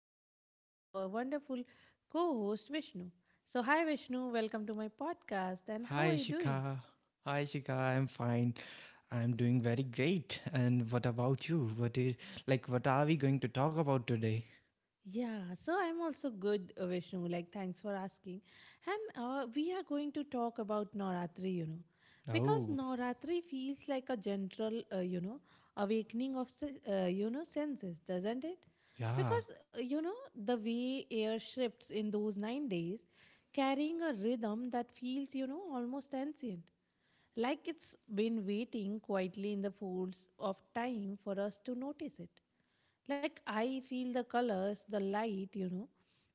conversation is our wonderful co host, Vishnu. So, hi, Vishnu, welcome to my podcast, and how Hi, are you doing? Shika. I'm fine. I'm doing very great. And what about you? What is like? What are we going to talk about today? Yeah, so I'm also good, Vishnu. Like, thanks for asking. And we are going to talk about Navratri, because Oh, Navratri feels like a general, awakening of senses, doesn't it? yeah, Because the way air shifts in those 9 days, carrying a rhythm that feels, almost ancient. Like it's been waiting quietly in the folds of time for us to notice it. Like I feel the colors, the light,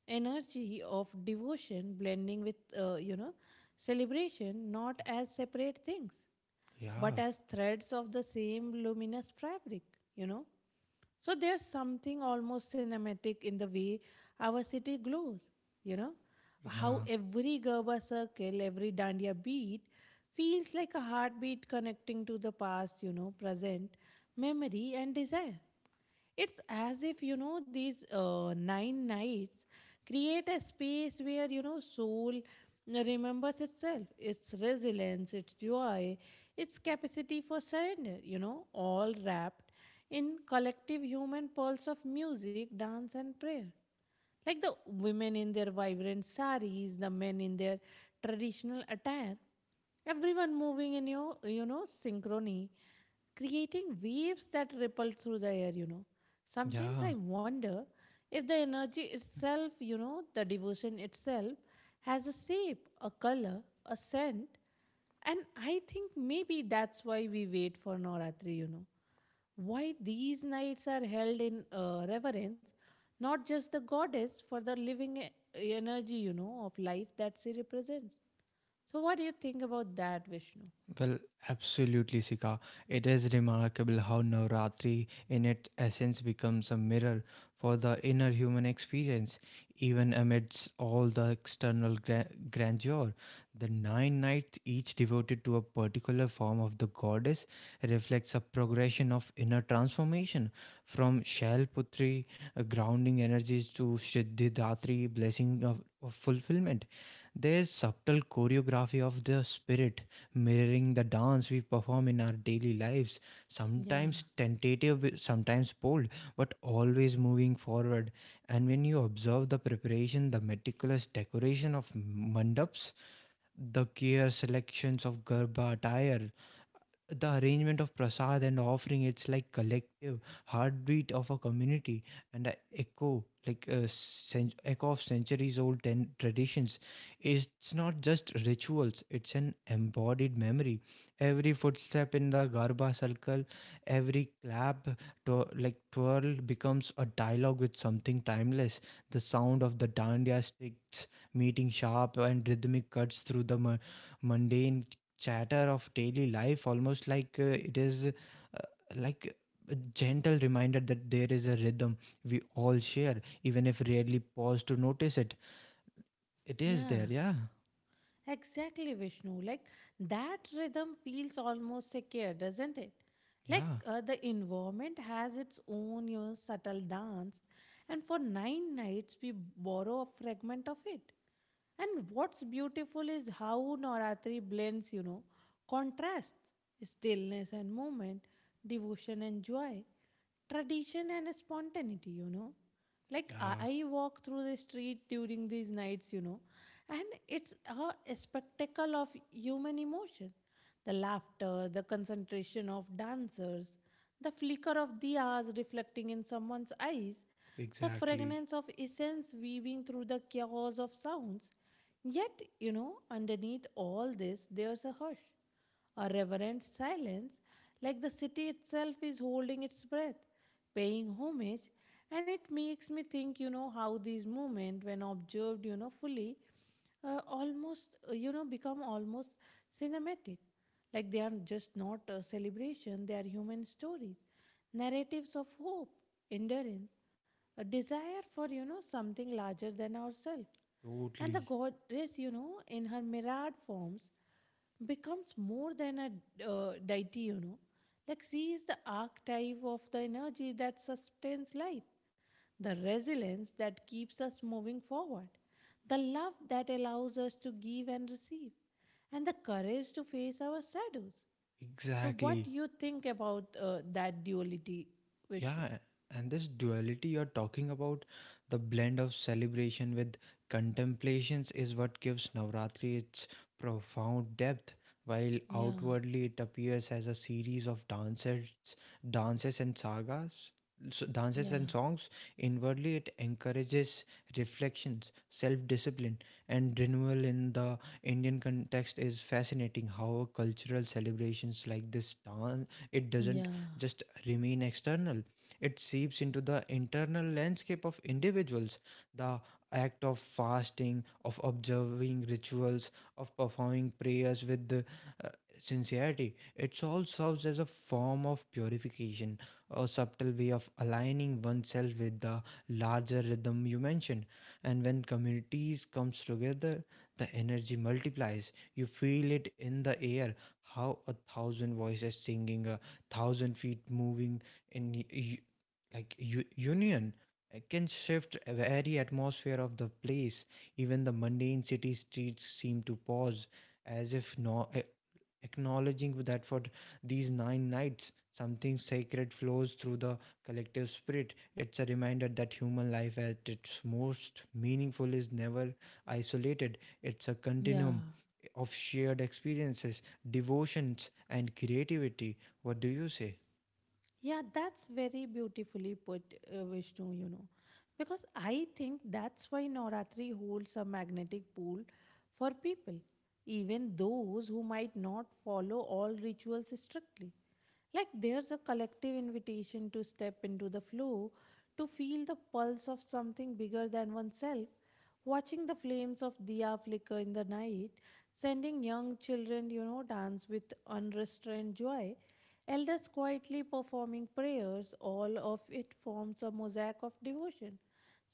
energy of devotion blending with, celebration, not as separate things, but yeah, as threads of the same luminous fabric, you know. So there's something almost cinematic in the way our city glows, you know, how yeah, every Gerber circle, every Dandiya beat feels like a heartbeat connecting to the past, present, memory, and desire. It's as if, these 9 nights create a space where, soul remembers itself, its resilience, its joy, its capacity for surrender, all wrapped in collective human pulse of music, dance, and prayer. Like the women in their vibrant saris, the men in their traditional attire, everyone moving in your, synchrony, creating waves that ripple through the air. Sometimes yeah. I wonder if the energy itself, the devotion itself, has a shape, a color, a scent, and I think maybe that's why we wait for Navratri. Why these nights are held in reverence not just the goddess, for the living energy, of life that she represents. So, what do you think about that, Vishnu? Well, absolutely, Sika. It is remarkable how Navratri, in its essence, becomes a mirror for the inner human experience. Even amidst all the external grandeur, the nine nights, each devoted to a particular form of the goddess, reflects a progression of inner transformation from Shailputri, grounding energies, to Siddhidatri, blessing of fulfillment. There is subtle choreography of the spirit mirroring the dance we perform in our daily lives, sometimes Yeah. tentative, sometimes bold, but always moving forward. And when you observe the preparation, the meticulous decoration of mandaps, the care selections of garba attire, the arrangement of prasad and offering, it's like collective heartbeat of a community, and a echo, echo of centuries old traditions. It's not just rituals, it's an embodied memory. Every footstep in the garba circle, every clap, like twirl becomes a dialogue with something timeless. The sound of the dandya sticks meeting sharp and rhythmic cuts through the mundane chatter of daily life, almost like it is like a gentle reminder that there is a rhythm we all share, even if rarely pause to notice it. It is there, Yeah. yeah, Exactly, Vishnu. Like that rhythm feels almost secure, doesn't it? Like yeah. The environment has its own subtle dance, and for 9 nights we borrow a fragment of it. And what's beautiful is how Navratri blends, contrasts, stillness and movement, devotion and joy, tradition and spontaneity, you know like i Yeah, I walk through the street during these nights. And it's a spectacle of human emotion, the laughter, the concentration of dancers, the flicker of diyas reflecting in someone's eyes, the exactly. fragrance of essence weaving through the chaos of sounds. Yet underneath all this there's a hush, a reverent silence, like the city itself is holding its breath, paying homage, and it makes me think, how these movements, when observed, fully, become almost cinematic. Like they are just not a celebration, they are human stories, narratives of hope, endurance, a desire for, something larger than ourselves. And the Totally. goddess, in her mirrored forms becomes more than a deity. Like she is the archetype of the energy that sustains life, the resilience that keeps us moving forward, the love that allows us to give and receive, and the courage to face our shadows. So, what Exactly. do you think about that duality, Vishnu? Yeah, and this duality you're talking about, the blend of celebration with contemplations, is what gives Navratri its profound depth. While Yeah, outwardly it appears as a series of dances, dances and sagas, dances and yeah, songs, inwardly it encourages reflections, self-discipline, and renewal. In the Indian context, is fascinating how cultural celebrations like this dance, it doesn't yeah, just remain external, it seeps into the internal landscape of individuals. The act of fasting, of observing rituals, of performing prayers with sincerity, it all serves as a form of purification, a subtle way of aligning oneself with the larger rhythm you mentioned. And when communities comes together, the energy multiplies. You feel it in the air, how a thousand voices singing, a thousand feet moving in union can shift a very atmosphere of the place. Even the mundane city streets seem to pause as if no a- acknowledging that for these nine nights something sacred flows through the collective spirit. It's a reminder that human life at its most meaningful is never isolated, it's a yeah. continuum of shared experiences, devotions, and creativity. What do you say? Yeah, that's very beautifully put, Vishnu. Because I think that's why Navratri holds a magnetic pull for people, even those who might not follow all rituals strictly. Like there's a collective invitation to step into the flow, to feel the pulse of something bigger than oneself, watching the flames of diya flicker in the night, sending young children, dance with unrestrained joy, elders quietly performing prayers, all of it forms a mosaic of devotion,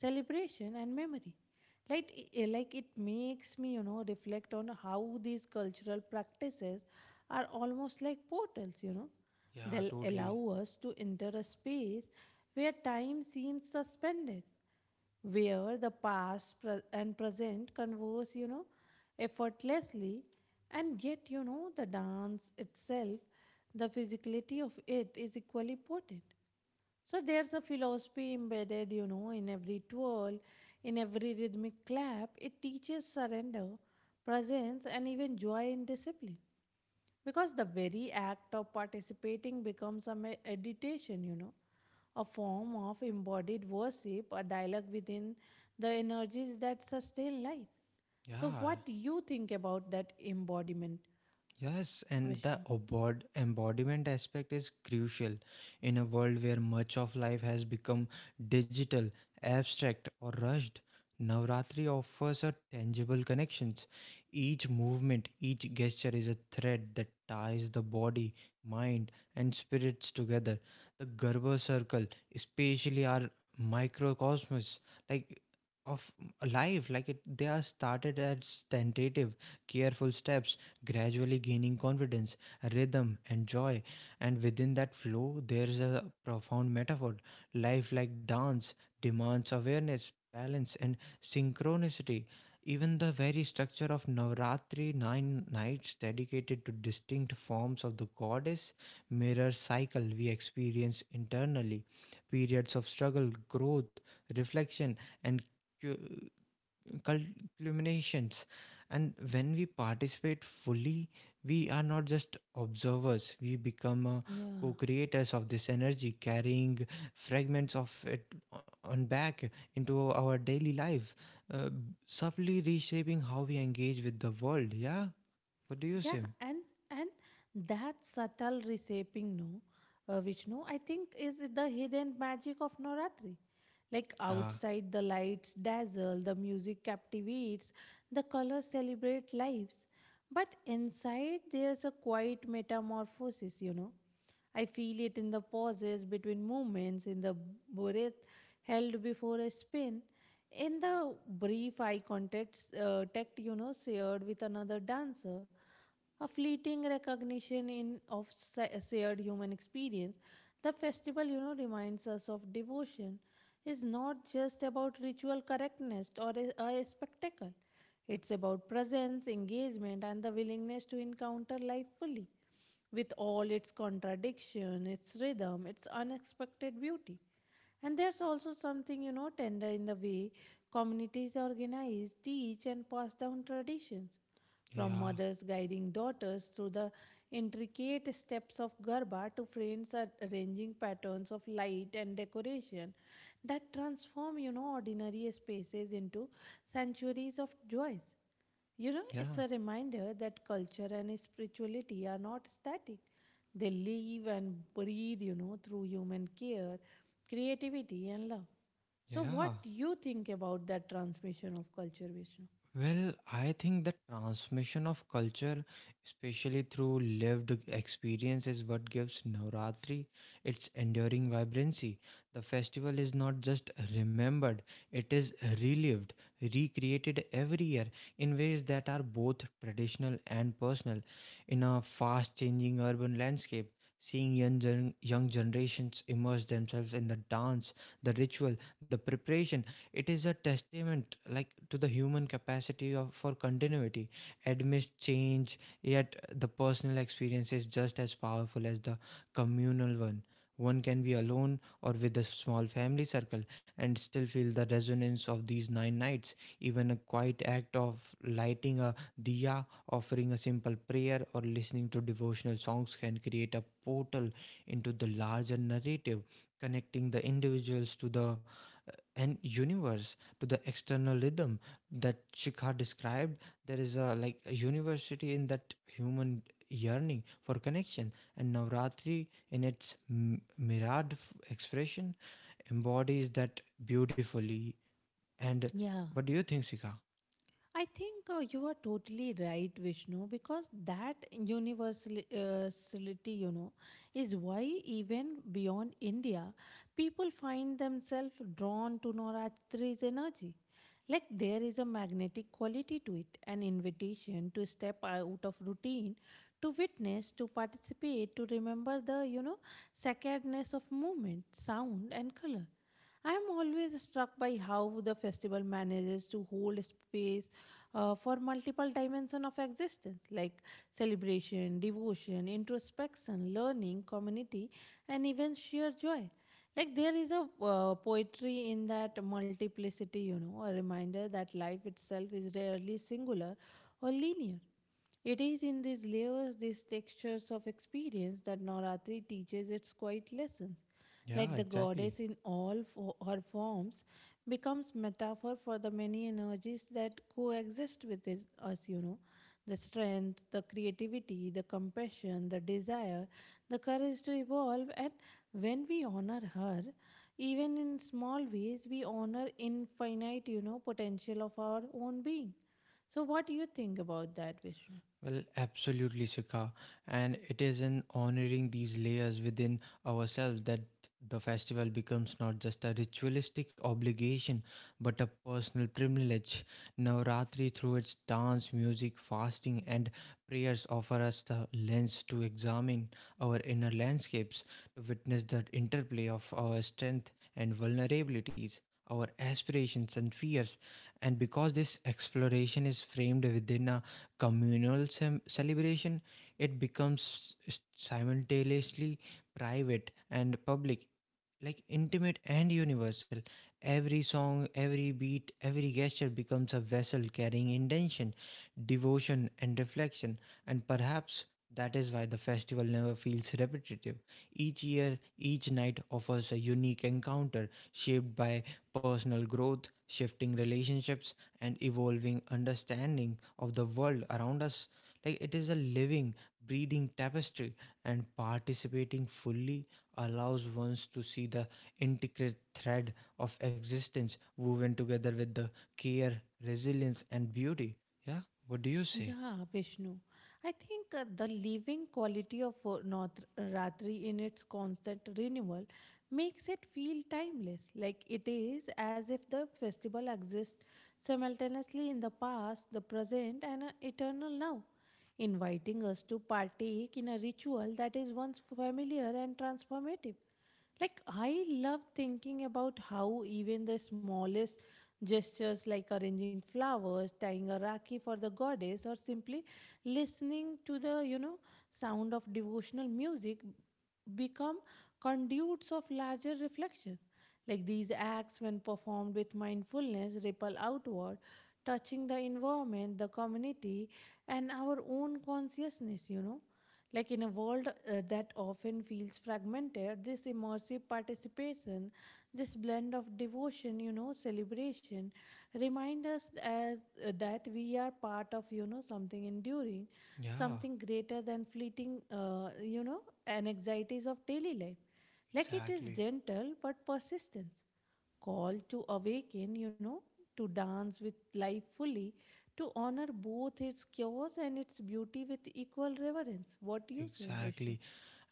celebration, and memory. Like it makes me, reflect on how these cultural practices are almost like portals, you know Yeah, They'll allow totally. us to enter a space where time seems suspended, where the past and present converse, effortlessly, and yet, the dance itself, the physicality of it is equally potent. So there's a philosophy embedded, in every twirl, in every rhythmic clap. It teaches surrender, presence, and even joy in discipline. Because the very act of participating becomes a meditation, a form of embodied worship, a dialogue within the energies that sustain life. So, Yeah, what do you think about that embodiment, Yes, and the Vishnu? Embodiment aspect is crucial in a world where much of life has become digital, abstract, or rushed. Navratri offers a tangible connections. Each movement, each gesture is a thread that ties the body, mind, and spirits together. The Garba circle, especially our microcosmos, like of life like it they are started as tentative careful steps, gradually gaining confidence, rhythm, and joy. And within that flow there is a profound metaphor. Life like dance demands awareness, balance, and synchronicity. Even the very structure of Navratri, nine nights dedicated to distinct forms of the goddess, mirrors cycle we experience internally: periods of struggle, growth, reflection, and cu- cul- culminations. And when we participate fully, we are not just observers, we become Yeah. co-creators of this energy, carrying fragments of it on back into our daily life, uh, subtly reshaping how we engage with the world. Yeah, what do you say? Yeah, and that subtle reshaping, no, Vishnu, I think is the hidden magic of Navratri. Like yeah outside, the lights dazzle, the music captivates, the colors celebrate lives. But inside, there's a quiet metamorphosis. I feel it in the pauses between movements, in the breath held before a spin, in the brief eye contact, shared with another dancer, a fleeting recognition in of sa- shared human experience. The festival, reminds us of devotion is not just about ritual correctness or a spectacle. It's about presence, engagement, and the willingness to encounter life fully with all its contradiction, its rhythm, its unexpected beauty. And there's also something, tender in the way communities organize, teach, and pass down traditions. From yeah mothers guiding daughters through the intricate steps of Garba to friends arranging patterns of light and decoration that transform, ordinary spaces into sanctuaries of joys. It's yeah a reminder that culture and spirituality are not static. They live and breathe, through human care, creativity, and love. So, yeah what do you think about that transmission of culture, Vishnu? Well, I think the transmission of culture, especially through lived experience, is what gives Navratri its enduring vibrancy. The festival is not just remembered, it is relived, recreated every year in ways that are both traditional and personal. In a fast changing urban landscape, seeing young, young generations immerse themselves in the dance, the ritual, the preparation, it is a testament like to the human capacity of, for continuity, amidst change, yet the personal experience is just as powerful as the communal one. One can be alone or with a small family circle and still feel the resonance of these nine nights. Even a quiet act of lighting a diya, offering a simple prayer, or listening to devotional songs can create a portal into the larger narrative, connecting the individuals to the and universe to the external rhythm that Shikha described. There is a like a university in that human yearning for connection, and Navratri, in its mirrored expression, embodies that beautifully. And Yeah, what do you think, Shikha? I think you are totally right, Vishnu, because that universality, is why even beyond India, people find themselves drawn to Navratri's energy. Like there is a magnetic quality to it, an invitation to step out of routine, to witness, to participate, to remember the, sacredness of movement, sound, and color. I am always struck by how the festival manages to hold space for multiple dimensions of existence, like celebration, devotion, introspection, learning, community, and even sheer joy. Like there is a poetry in that multiplicity, a reminder that life itself is rarely singular or linear. It is in these layers, these textures of experience, that Navratri teaches its quiet lessons. Like Yeah, the exactly. goddess in all her forms becomes metaphor for the many energies that coexist within us. The strength, the creativity, the compassion, the desire, the courage to evolve. And when we honor her, even in small ways, we honor infinite, potential of our own being. So, what do you think about that, Vishnu? Well, absolutely, Sika. And it is in honoring these layers within ourselves that the festival becomes not just a ritualistic obligation, but a personal privilege. Navratri, through its dance, music, fasting, and prayers, offer us the lens to examine our inner landscapes, to witness the interplay of our strength and vulnerabilities. Our aspirations and fears, and because this exploration is framed within a communal celebration, it becomes simultaneously private and public, like intimate and universal. Every song, every beat, every gesture becomes a vessel carrying intention, devotion, and reflection. And perhaps that is why the festival never feels repetitive. Each year, each night offers a unique encounter shaped by personal growth, shifting relationships, and evolving understanding of the world around us. Like it is a living, breathing tapestry, and participating fully allows ones to see the intricate thread of existence woven together with the care, resilience, and beauty. Yeah, what do you say? Yeah, Vishnu. I think the living quality of North in its constant renewal makes it feel timeless. Like it is as if the festival exists simultaneously in the past, the present, and an eternal now, inviting us to partake in a ritual that is once familiar and transformative. Like, I love thinking about how even the smallest gestures, like arranging flowers, tying a rakhi for the goddess, or simply listening to the, sound of devotional music, become conduits of larger reflection. Like, these acts, when performed with mindfulness, ripple outward, touching the environment, the community, and our own consciousness. Like in a world that often feels fragmented, this immersive participation, this blend of devotion, celebration, remind us as that we are part of, something enduring, Yeah, something greater than fleeting, anxieties of daily life. Like it is exactly. gentle but persistent call to awaken, to dance with life fully, to honor both its chaos and its beauty with equal reverence. What do you say, Vishnu? Exactly.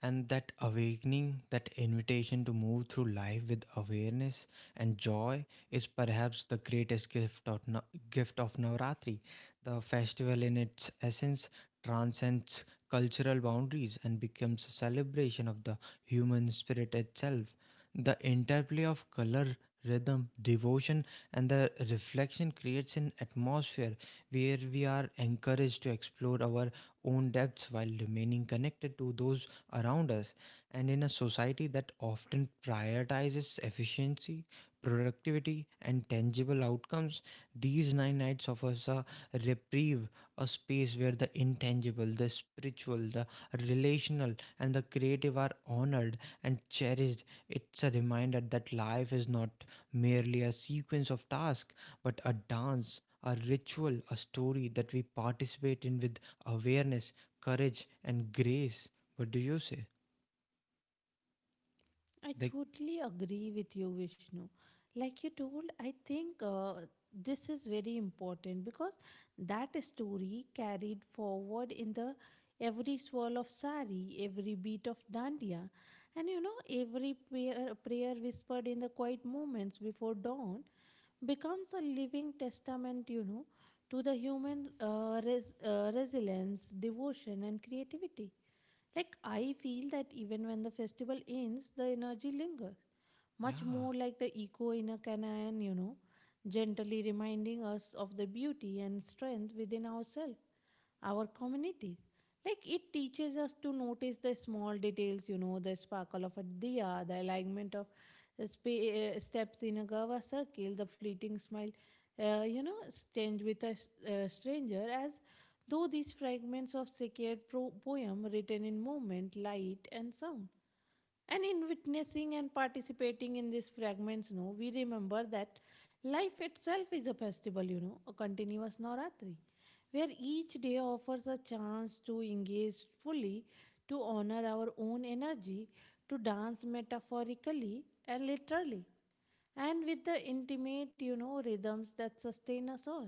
And that awakening, that invitation to move through life with awareness and joy is perhaps the greatest gift of, gift of Navratri. The festival, in its essence, transcends cultural boundaries and becomes a celebration of the human spirit itself. The interplay of color, rhythm, devotion, and the reflection creates an atmosphere where we are encouraged to explore our own depths while remaining connected to those around us. And in a society that often prioritizes efficiency, productivity, and tangible outcomes, these nine nights offers a reprieve, a space where the intangible, the spiritual, the relational, and the creative are honored and cherished. It's a reminder that life is not merely a sequence of tasks, but a dance, a ritual, a story that we participate in with awareness, courage, and grace. What do you say? I Like, totally agree with you, Vishnu. Like you told, I think this is very important because that story carried forward in the every swirl of sari, every beat of dandiya, and every prayer whispered in the quiet moments before dawn becomes a living testament, to the human resilience, devotion, and creativity. Like, I feel that even when the festival ends, the energy lingers, much yeah, more like the echo in a canyon, gently reminding us of the beauty and strength within ourselves, our community. Like, it teaches us to notice the small details, the sparkle of a diya, the alignment of steps in a gava circle, the fleeting smile exchange with a stranger, as though these fragments of sacred poem written in movement, light, and sound. And in witnessing and participating in these fragments, no, we remember that life itself is a festival, a continuous Navratri, where each day offers a chance to engage fully, to honor our own energy, to dance metaphorically and literally and with the intimate, rhythms that sustain us all.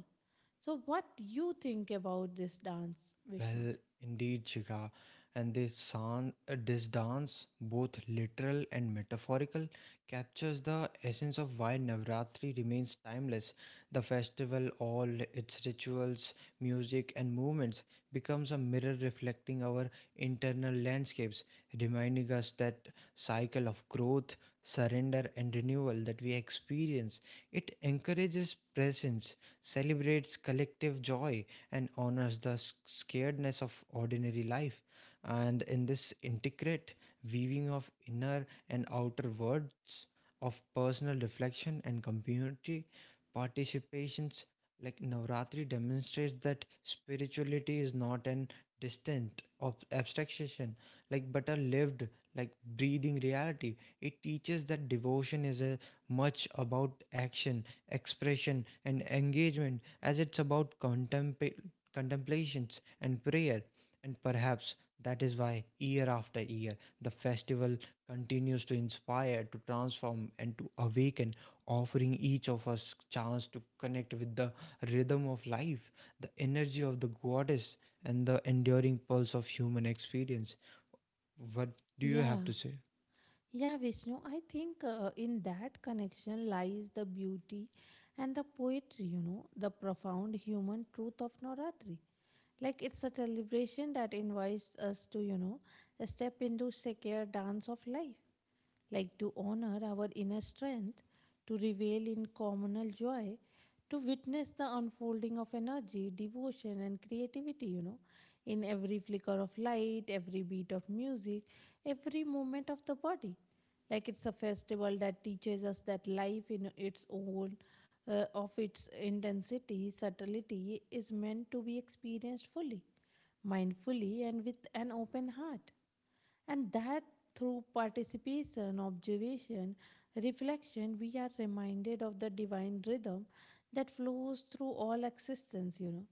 So, what do you think about this dance, Vishnu? well, indeed, Shikha. And this sound, this dance, both literal and metaphorical, captures the essence of why Navratri remains timeless. The festival, all its rituals, music, and movements, becomes a mirror reflecting our internal landscapes, reminding us that cycle of growth, surrender, and renewal that we experience. It encourages presence, celebrates collective joy, and honors the scaredness of ordinary life. And in this intricate weaving of inner and outer worlds, of personal reflection and community participations, like Navratri demonstrates that spirituality is not an distant abstraction, like but a lived like breathing reality. It teaches that devotion is a much about action, expression, and engagement as it's about contemplations and prayer. And perhaps that is why, year after year, the festival continues to inspire, to transform, and to awaken, offering each of us chance to connect with the rhythm of life, the energy of the goddess, and the enduring pulse of human experience. What do you have Yeah, to say? yeah, Vishnu. I think in that connection lies the beauty and the poetry, the profound human truth of Navratri. Like it's a celebration that invites us to, step into sacred dance of life. Like to honor our inner strength, to revel in communal joy, to witness the unfolding of energy, devotion, and creativity, in every flicker of light, every beat of music, every movement of the body. Like it's a festival that teaches us that life in its own, of its intensity, subtlety, is meant to be experienced fully, mindfully, and with an open heart. And that through participation, observation, reflection, we are reminded of the divine rhythm that flows through all existence.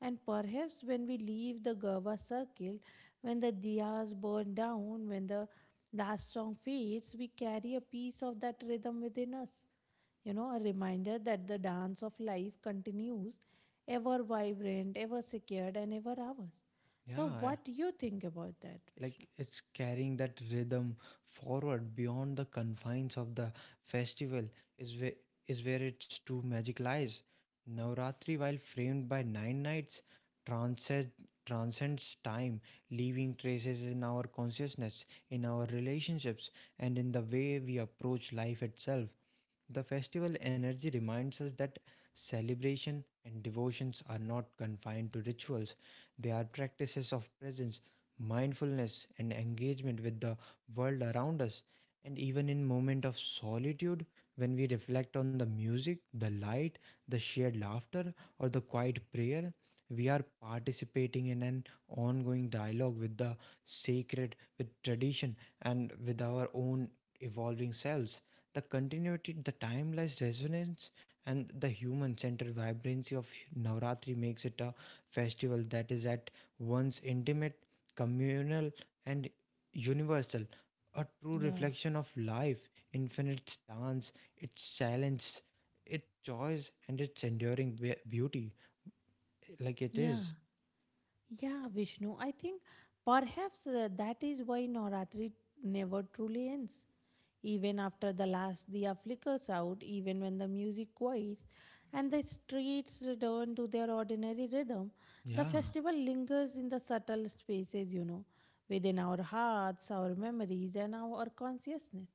And perhaps when we leave the Gurva circle, when the diyas burn down, when the last song fades, we carry a piece of that rhythm within us. A reminder that the dance of life continues, ever vibrant, ever secured, and ever ours. So, Yeah. what do you think about that, Vishnu? Like it's carrying that rhythm forward beyond the confines of the festival is where, its true magic lies. Navratri, while framed by nine nights, transcends transcends time, leaving traces in our consciousness, in our relationships, and in the way we approach life itself. The festival energy reminds us that celebration and devotions are not confined to rituals, they are practices of presence, mindfulness, and engagement with the world around us. And even in moment of solitude, when we reflect on the music, the light, the shared laughter, or the quiet prayer, we are participating in an ongoing dialogue with the sacred, with tradition, and with our own evolving selves. The continuity, the timeless resonance, and the human centered vibrancy of Navratri makes it a festival that is at once intimate, communal, and universal. A true Yeah, reflection of life, infinite dance, its challenge, its joys, and its enduring beauty, like it yeah, is. yeah, Vishnu. I think perhaps that is why Navratri never truly ends. Even after the last diya flickers out, even when the music quiets and the streets return to their ordinary rhythm, the Yeah. festival lingers in the subtle spaces, within our hearts, our memories, and our consciousness.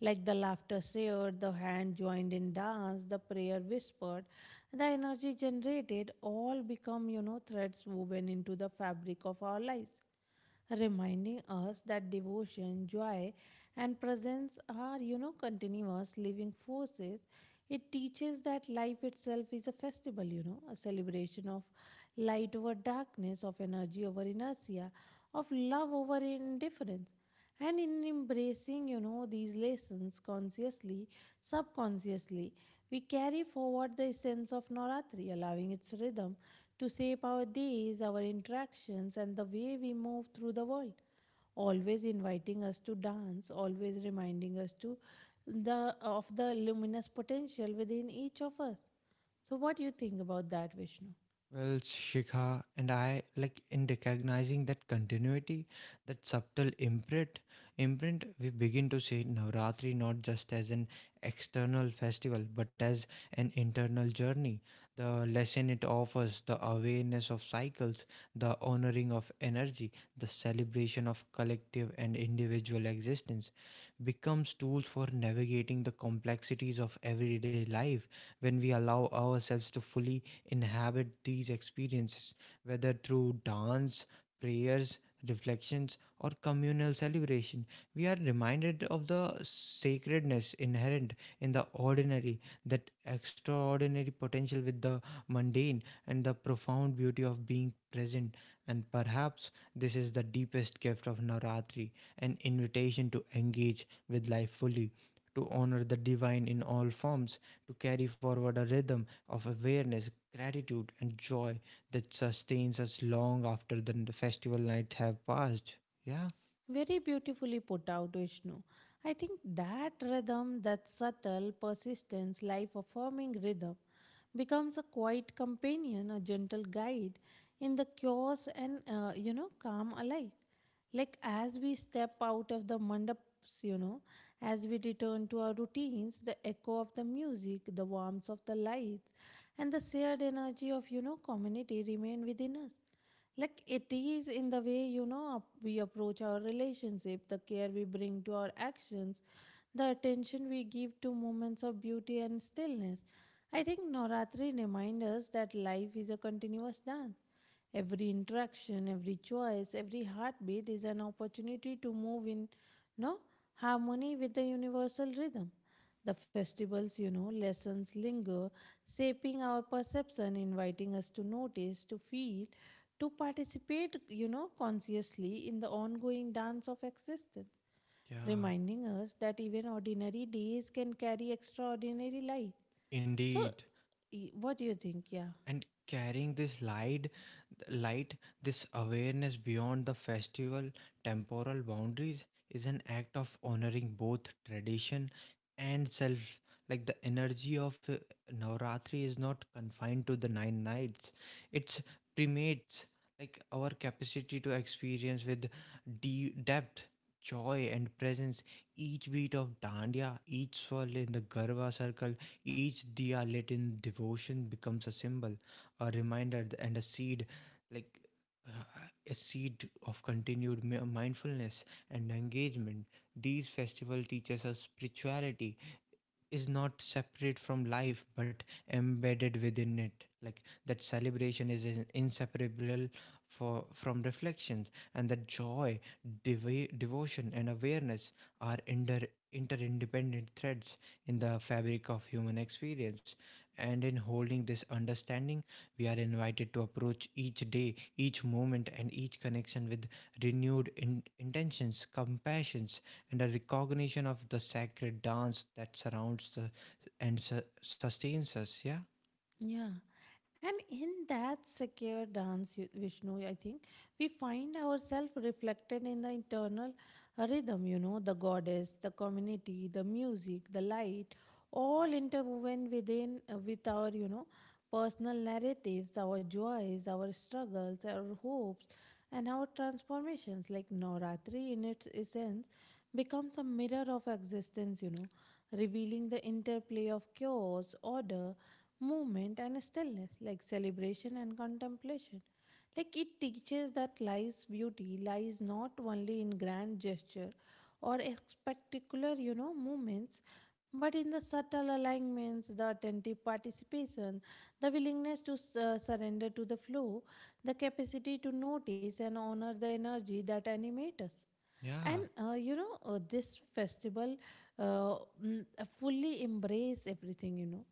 Like the laughter shared, the hand joined in dance, the prayer whispered, the energy generated all become, threads woven into the fabric of our lives, reminding us that devotion, joy, and presence are, continuous living forces. It teaches that life itself is a festival, a celebration of light over darkness, of energy over inertia, of love over indifference. And in embracing, these lessons consciously, subconsciously, we carry forward the essence of Navratri, allowing its rhythm to shape our days, our interactions, and the way we move through the world. Always inviting us to dance, always reminding us to the of the luminous potential within each of us. So, what do you think about that, Vishnu? Well, Shikha and I, like in recognizing that continuity, that subtle imprint, imprint we begin to see Navratri not just as an external festival but as an internal journey. The lesson it offers, the awareness of cycles, the honoring of energy, the celebration of collective and individual existence becomes tools for navigating the complexities of everyday life when we allow ourselves to fully inhabit these experiences, whether through dance, prayers, reflections, or communal celebration. We are reminded of the sacredness inherent in the ordinary, that extraordinary potential with the mundane, and the profound beauty of being present. And perhaps this is the deepest gift of Navratri, an invitation to engage with life fully. To honor the divine in all forms, to carry forward a rhythm of awareness, gratitude, and joy that sustains us long after the festival nights have passed. Yeah, Very beautifully put out, Vishnu. I think that rhythm, that subtle, persistence, life affirming rhythm, becomes a quiet companion, a gentle guide in the chaos and, calm alike, like as we step out of the mandaps, as we return to our routines, the echo of the music, the warmth of the lights, and the shared energy of, community remain within us. Like it is in the way, we approach our relationship, the care we bring to our actions, the attention we give to moments of beauty and stillness, I think Navratri reminds us that life is a continuous dance. Every interaction, every choice, every heartbeat is an opportunity to move in no harmony with the universal rhythm. The festivals, lessons linger, shaping our perception, inviting us to notice, to feel, to participate, consciously in the ongoing dance of existence, yeah, reminding us that even ordinary days can carry extraordinary light. So, indeed. What do you think? Yeah. And carrying this light light, this awareness beyond the festival temporal boundaries is an act of honoring both tradition and self. Like the energy of Navratri is not confined to the nine nights, it's primates like our capacity to experience with deep depth, joy, and presence. Each beat of dandiya, each swirl in the Garva circle, each diya lit in devotion becomes a symbol, a reminder, and a seed, like a seed of continued mindfulness and engagement. These festival teaches us spirituality is not separate from life but embedded within it, like that celebration is inseparable for from reflections, and that joy, devotion, and awareness are interindependent threads in the fabric of human experience. And in holding this understanding, we are invited to approach each day, each moment, and each connection with renewed intentions, compassions, and a recognition of the sacred dance that surrounds the and sustains us. Yeah, Yeah, and in that secure dance, Vishnu, I think we find ourselves reflected in the internal rhythm, the goddess, the community, the music, the light, all interwoven within with our, personal narratives, our joys, our struggles, our hopes, and our transformations, like Navratri in its essence becomes a mirror of existence, revealing the interplay of chaos, order, movement and stillness, like celebration and contemplation. Like it teaches that life's beauty lies not only in grand gesture or spectacular, movements, but in the subtle alignments, the attentive participation, the willingness to surrender to the flow, the capacity to notice and honor the energy that animates us. And yeah, this festival uh, fully embrace everything.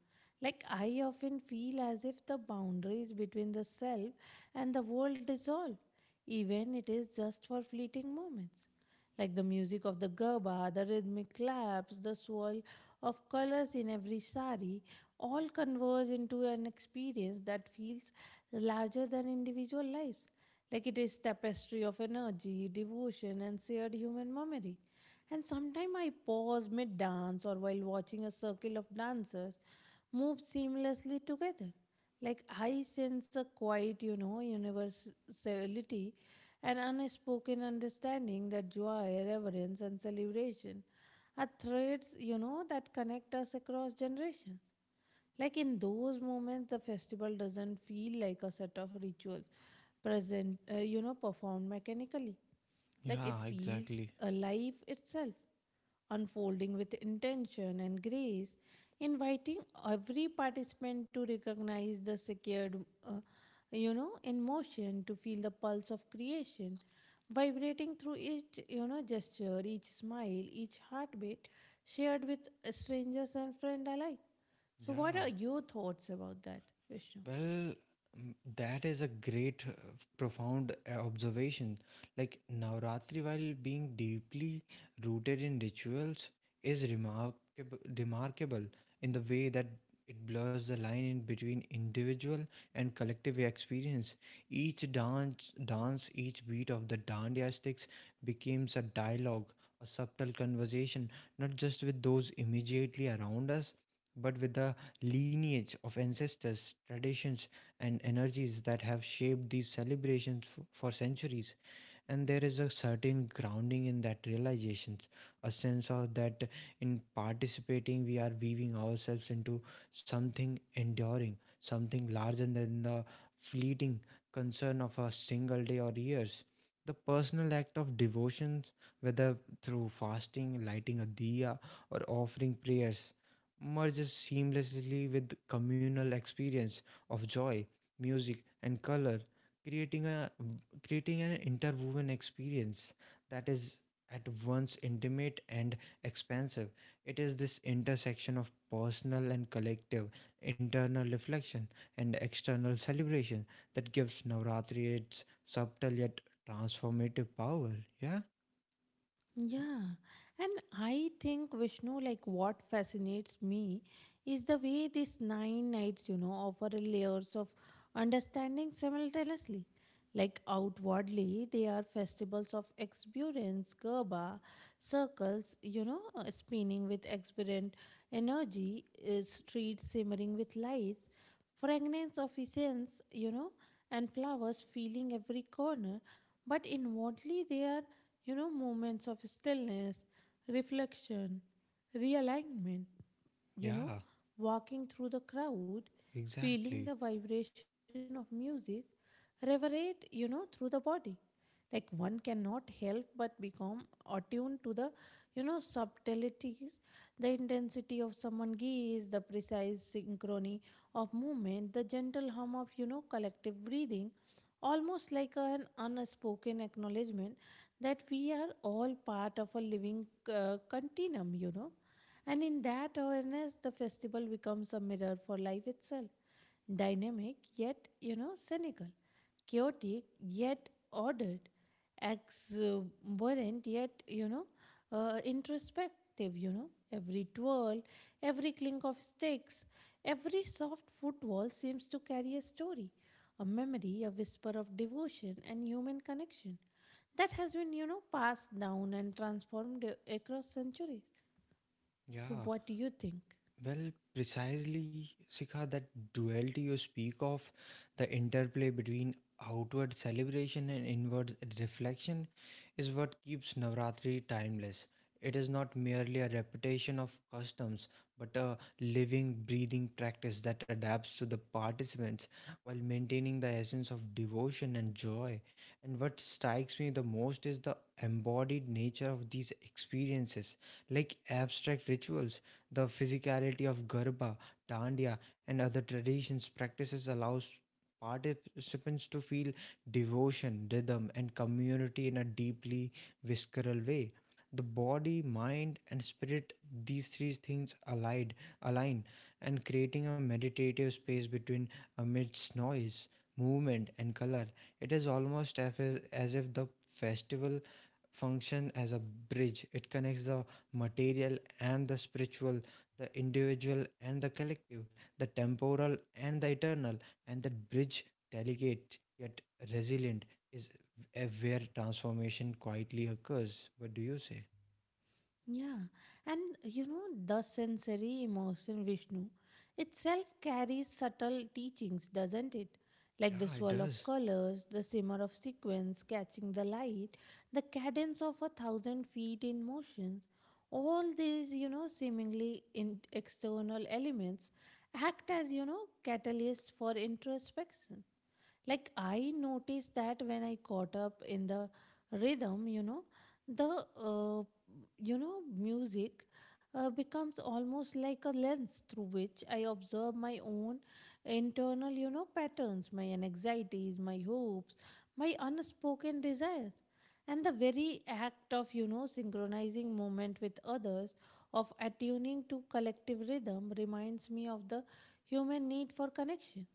Like I often feel as if the boundaries between the self and the world dissolve even it is just for fleeting moments. Like the music of the gerba, the rhythmic claps, the swirl of colors in every sari, all converge into an experience that feels larger than individual lives. Like it is tapestry of energy, devotion, and shared human memory. And sometimes I pause mid dance or while watching a circle of dancers move seamlessly together. Like I sense a quiet, universality and unspoken understanding that joy, reverence, and celebration are threads, that connect us across generations. Like in those moments, the festival doesn't feel like a set of rituals performed mechanically. Like it yeah, feels exactly. alive itself, unfolding with intention and grace, inviting every participant to recognize the secured, in motion, to feel the pulse of creation, vibrating through each, gesture, each smile, each heartbeat, shared with strangers and friends alike. So, what Yeah. are your thoughts about that, Vishnu? Well, that is a great, profound observation. Like Navratri, while being deeply rooted in rituals, is remarkable in the way that it blurs the line in between individual and collective experience. Each dance, each beat of the dandiya sticks becomes a dialogue, a subtle conversation, not just with those immediately around us, but with the lineage of ancestors, traditions, and energies that have shaped these celebrations for centuries. And there is a certain grounding in that realizations, a sense of that in participating we are weaving ourselves into something enduring, something larger than the fleeting concern of a single day or years. The personal act of devotions, whether through fasting, lighting a diya, or offering prayers, merges seamlessly with communal experience of joy, music, and color, creating a creating an interwoven experience that is at once intimate and expansive. It is this intersection of personal and collective, internal reflection and external celebration, that gives Navratri its subtle yet transformative power. Yeah, Yeah, and I think Vishnu, like what fascinates me is the way these nine nights, offer layers of understanding simultaneously. Like outwardly, they are festivals of exuberance, Gerba, circles, spinning with exuberant energy, streets simmering with lights, fragrance of essence, and flowers filling every corner. But inwardly, they are, moments of stillness, reflection, realignment, you know, yeah, walking through the crowd, feeling exactly. the vibration of music, reverberate, through the body, like one cannot help but become attuned to the, subtleties, the intensity of someone gaze, the precise synchrony of movement, the gentle hum of, collective breathing, almost like an unspoken acknowledgement that we are all part of a living continuum, and in that awareness, the festival becomes a mirror for life itself, dynamic yet, cynical, chaotic yet ordered, exuberant yet, introspective. Every twirl, every clink of sticks, every soft footfall seems to carry a story, a memory, a whisper of devotion and human connection that has been, passed down and transformed across centuries. So, Yeah. what do you think? Well, precisely, Sikha, that duality you speak of, the interplay between outward celebration and inward reflection, is what keeps Navratri timeless. It is not merely a repetition of customs, but a living, breathing practice that adapts to the participants while maintaining the essence of devotion and joy. And what strikes me the most is the embodied nature of these experiences, like abstract rituals, the physicality of Garba, Dandiya, and other traditions practices allows participants to feel devotion, rhythm, and community in a deeply visceral way. The body, mind, and spirit, these three things allied, align and creating a meditative space between amidst noise, movement, and color. It is almost as if the festival function as a bridge. It connects the material and the spiritual, the individual and the collective, the temporal and the eternal, and that bridge, delicate yet resilient, is where transformation quietly occurs. What do you say? Yeah, and you know, the sensory emotion Vishnu itself carries subtle teachings, doesn't it? Like the Yeah, it swirl of does. colors, the simmer of sequence catching the light, the cadence of a thousand feet in motions. All these, seemingly in external elements act as, catalysts for introspection. Like I noticed that when I caught up in the rhythm, the uh, music becomes almost like a lens through which I observe my own internal, patterns, my anxieties, my hopes, my unspoken desires, and the very act of, synchronizing movement with others, of attuning to collective rhythm, reminds me of the human need for connection,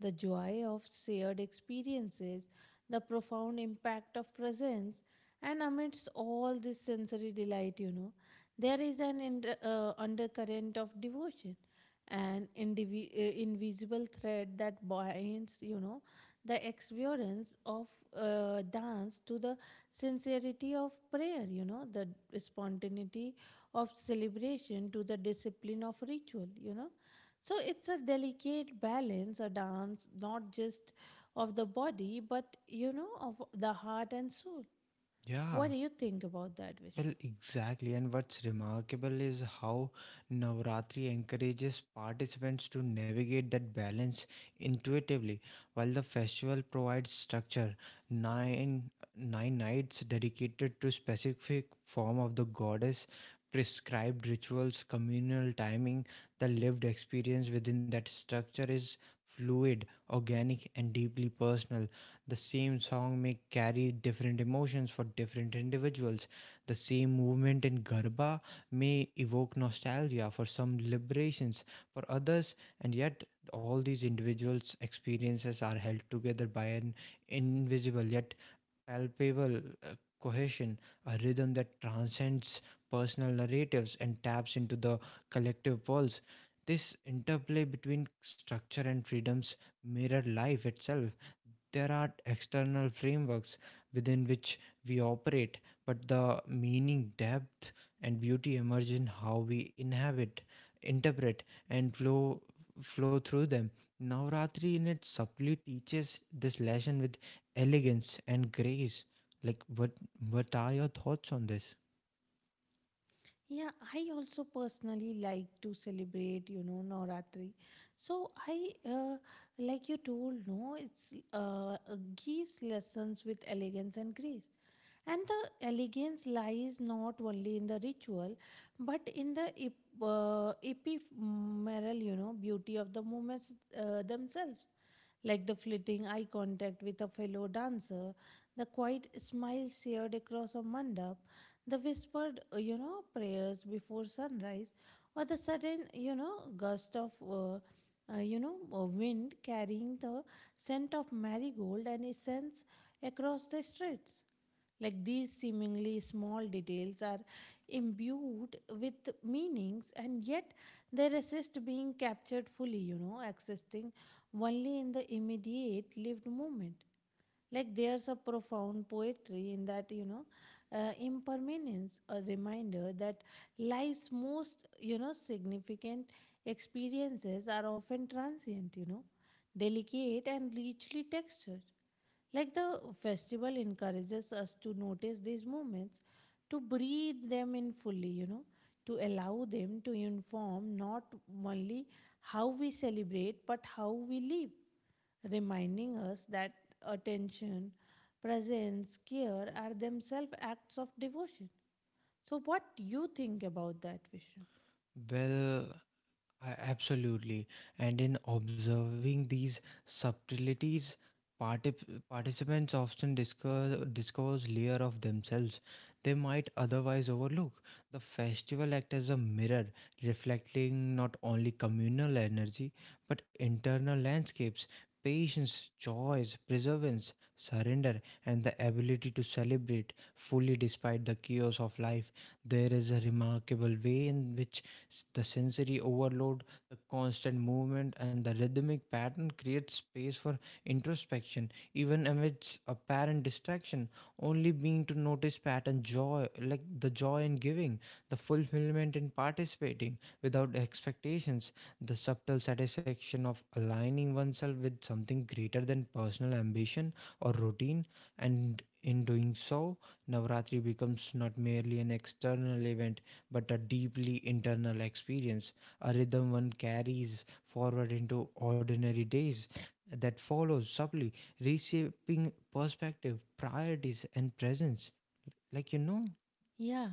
the joy of shared experiences, the profound impact of presence, and amidst all this sensory delight, there is an undercurrent of devotion, an invisible thread that binds, the experience of dance to the sincerity of prayer, the spontaneity of celebration to the discipline of ritual, so it's a delicate balance, a dance not just of the body, but of the heart and soul. What Yeah. do you think about that, Well, Vishnu? exactly. And what's remarkable is how Navratri encourages participants to navigate that balance intuitively, while the festival provides structure. Nine nights dedicated to specific form of the goddess, prescribed rituals, communal timing, the lived experience within that structure is fluid, organic, and deeply personal. The same song may carry different emotions for different individuals, the same movement in Garba may evoke nostalgia for some liberations, for others, and yet all these individuals' experiences are held together by an invisible yet palpable cohesion, a rhythm that transcends personal narratives and taps into the collective pulse. This interplay between structure and freedoms mirror life itself, there are external frameworks within which we operate, but the meaning, depth, and beauty emerge in how we inhabit, interpret, and flow through them. Navratri in it subtly teaches this lesson with elegance and grace. Like what are your thoughts on this? Yeah, I also personally like to celebrate, Navratri. So I, like you told, no, it's gives lessons with elegance and grace. And the elegance lies not only in the ritual, but in the ephemeral, beauty of the movements themselves, like the fleeting eye contact with a fellow dancer, the quiet smile shared across a mandap, the whispered, prayers before sunrise, or the sudden, you know, gust of, you know, wind carrying the scent of marigold and incense across the streets. Like these seemingly small details are imbued with meanings and yet they resist being captured fully, existing only in the immediate lived moment. Like there's a profound poetry in that, impermanence, a reminder that life's most, significant experiences are often transient, delicate and richly textured, like the festival encourages us to notice these moments, to breathe them in fully, to allow them to inform not only how we celebrate but how we live, reminding us that attention, presence, care are themselves acts of devotion. So, what do you think about that, Vishnu? Well, Absolutely. And in observing these subtleties, participants often discovers layer of themselves they might otherwise overlook. The festival acts as a mirror, reflecting not only communal energy but internal landscapes, patience, joys, perseverance, surrender, and the ability to celebrate fully despite the chaos of life. There is a remarkable way in which The sensory overload, the constant movement, and the rhythmic pattern create space for introspection, even amidst apparent distraction. Only being to notice pattern joy, like the joy in giving, the fulfillment in participating without expectations, the subtle satisfaction of aligning oneself with something greater than personal ambition or routine, and in doing so, Navratri becomes not merely an external event but a deeply internal experience, a rhythm one carries forward into ordinary days that follows subtly, reshaping perspective, priorities, and presence. Like, Yeah.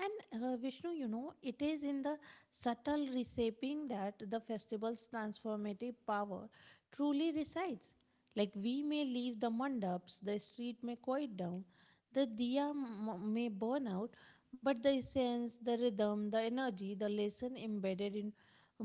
And Vishnu, you know, it is in the subtle reshaping that the festival's transformative power truly resides. Like we may leave the mandaps, the street may quiet down, the diya may burn out, but the essence, the rhythm, the energy, the lesson embedded in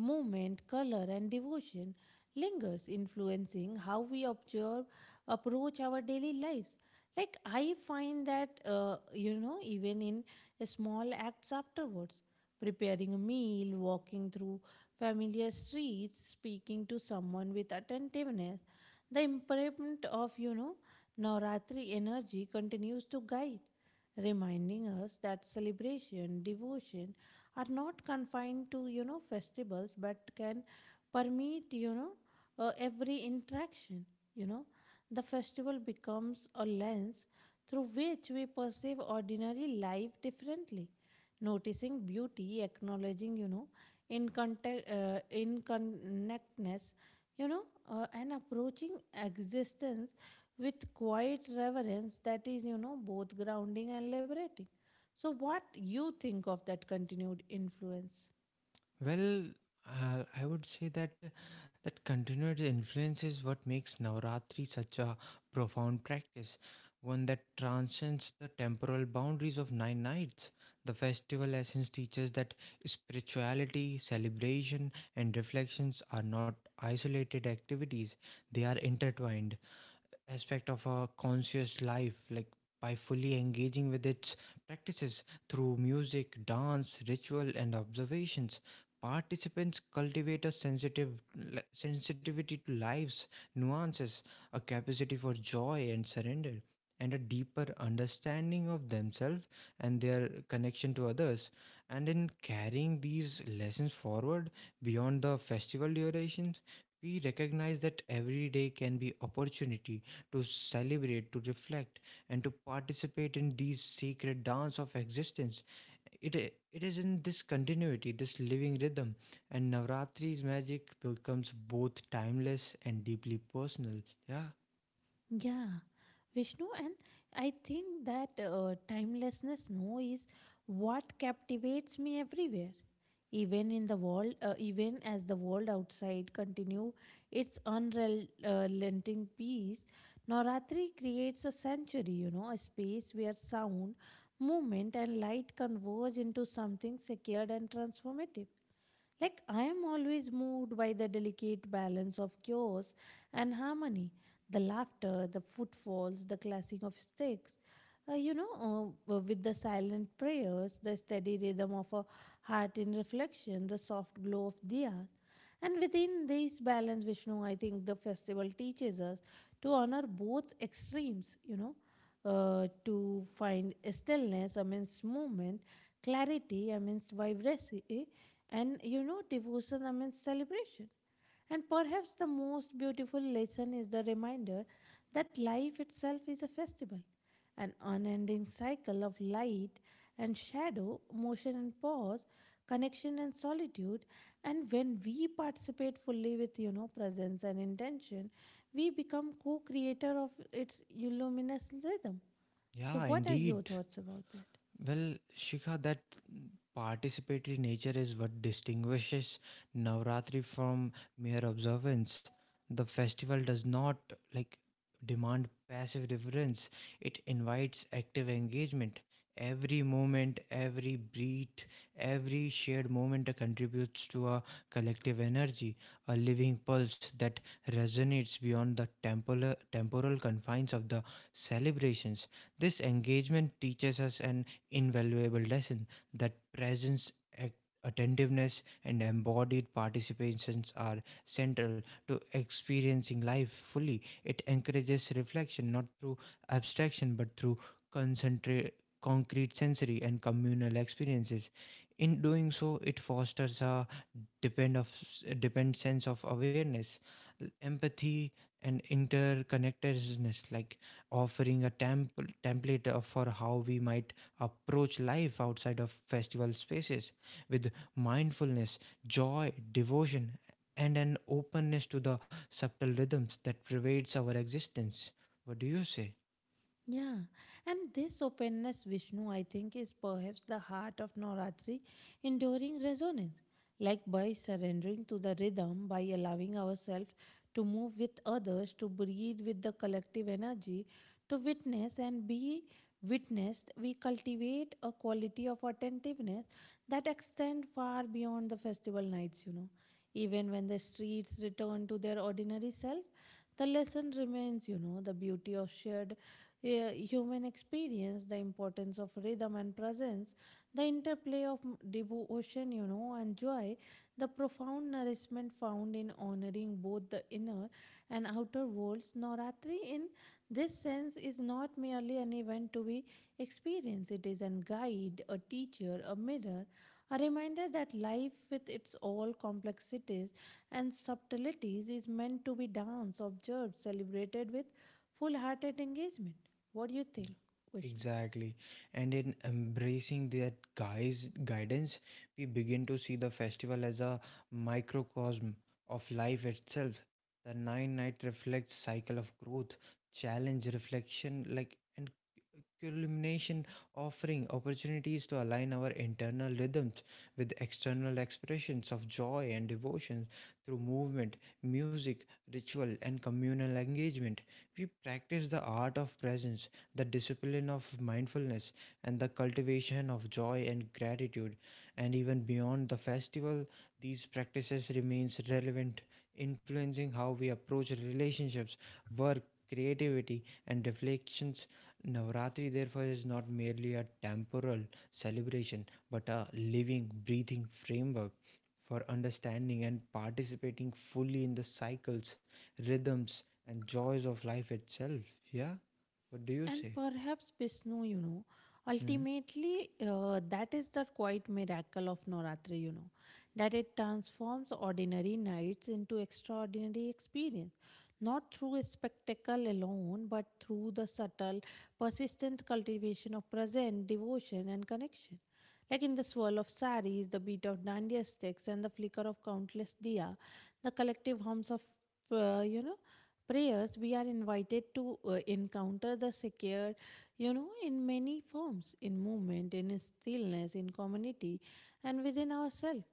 movement, color, and devotion lingers, influencing how we observe, approach our daily lives. Like, I find that, even in small acts afterwards, preparing a meal, walking through familiar streets, speaking to someone with attentiveness, the imprint of Navratri energy continues to guide, reminding us that celebration, devotion are not confined to festivals but can permeate every interaction, you know. The festival becomes a lens through which we perceive ordinary life differently, noticing beauty, acknowledging, in contact, in connectness, you know, and approaching existence with quiet reverence that is both grounding and liberating. So, what you think of that continued influence? Well, I would say that continued influence is what makes Navaratri such a profound practice, one that transcends the temporal boundaries of nine nights. The festival essence teaches that spirituality, celebration, and reflections are not isolated activities; they are intertwined aspect of a conscious life, like by fully engaging with its practices through music, dance, ritual, and observations. Participants cultivate a sensitive sensitivity to life's nuances, a capacity for joy and surrender, and a deeper understanding of themselves and their connection to others. And in carrying these lessons forward beyond the festival durations, we recognize that every day can be opportunity to celebrate, to reflect, and to participate in these sacred dance of existence. It, it is in this continuity, this living rhythm, and Navratri's magic becomes both timeless and deeply personal. Yeah, Yeah, Vishnu, and I think that timelessness, no, is what captivates me everywhere. Even in the even as the world outside continue its unrelenting peace, Navratri creates a sanctuary, you know, a space where sound, movement, and light converge into something secured and transformative. Like, I am always moved by the delicate balance of chaos and harmony, the laughter, the footfalls, the clashing of sticks, with the silent prayers, the steady rhythm of a heart in reflection, the soft glow of diyas. And within this balance, Vishnu, I think the festival teaches us to honor both extremes, to find stillness amidst movement, clarity amidst vibrancy, and devotion amidst celebration. And perhaps the most beautiful lesson is the reminder that life itself is a festival, an unending cycle of light and shadow, motion and pause, connection and solitude. And when we participate fully with presence and intention, we become co-creator of its luminous rhythm. So yeah, what are your indeed. thoughts about that? Well, Shikha, that participatory nature is what distinguishes Navratri from mere observance. The festival does not like demand passive reverence, it invites active engagement. Every moment, every breath, every shared moment contributes to a collective energy, a living pulse that resonates beyond the temporal confines of the celebrations. This engagement teaches us an invaluable lesson that presence, ac- attentiveness, and embodied participations are central to experiencing life fully. It encourages reflection not through abstraction but through concentrate concrete sensory and communal experiences. In doing so, it fosters a depend of depend sense of awareness, empathy, and interconnectedness, like offering a template for how we might approach life outside of festival spaces with mindfulness, joy, devotion, and an openness to the subtle rhythms that pervades our existence. What do you say? Yeah, and this openness, Vishnu, I think, is perhaps the heart of Navratri, enduring resonance. Like by surrendering to the rhythm, by allowing ourselves to move with others, to breathe with the collective energy, to witness and be witnessed, we cultivate a quality of attentiveness that extends far beyond the festival nights, you know. Even when the streets return to their ordinary self, the lesson remains, you know, the beauty of shared human experience, the importance of rhythm and presence, the interplay of devotion, you know, and joy, the profound nourishment found in honoring both the inner and outer worlds. Navratri, in this sense, is not merely an event to be experienced, it is a guide, a teacher, a mirror, a reminder that life, with its all complexities and subtleties, is meant to be danced, observed, celebrated with full hearted engagement. What do you think, Vishnu? Exactly. And in embracing that guy's guidance, we begin to see the festival as a microcosm of life itself. The nine night reflects cycle of growth, challenge, reflection, like and culmination, offering opportunities to align our internal rhythms with external expressions of joy and devotion through movement, music, ritual, and communal engagement. We practice the art of presence, the discipline of mindfulness, and the cultivation of joy and gratitude. And even beyond the festival, these practices remains relevant, influencing how we approach relationships, work, creativity, and reflections. Navratri therefore is not merely a temporal celebration but a living, breathing framework for understanding and participating fully in the cycles, rhythms, and joys of life itself. Yeah, what do you And say? perhaps Vishnu, you know, Hmm. ultimately that is the quiet miracle of Navratri, you know, that it transforms ordinary nights into extraordinary experience, not through a spectacle alone, but through the subtle, persistent cultivation of present devotion and connection. Like in the swirl of saris, the beat of dandiya sticks, and the flicker of countless diya, the collective hums of, uh, you know, prayers, we are invited to encounter the secure, you know, in many forms, in movement, in stillness, in community, and within ourselves.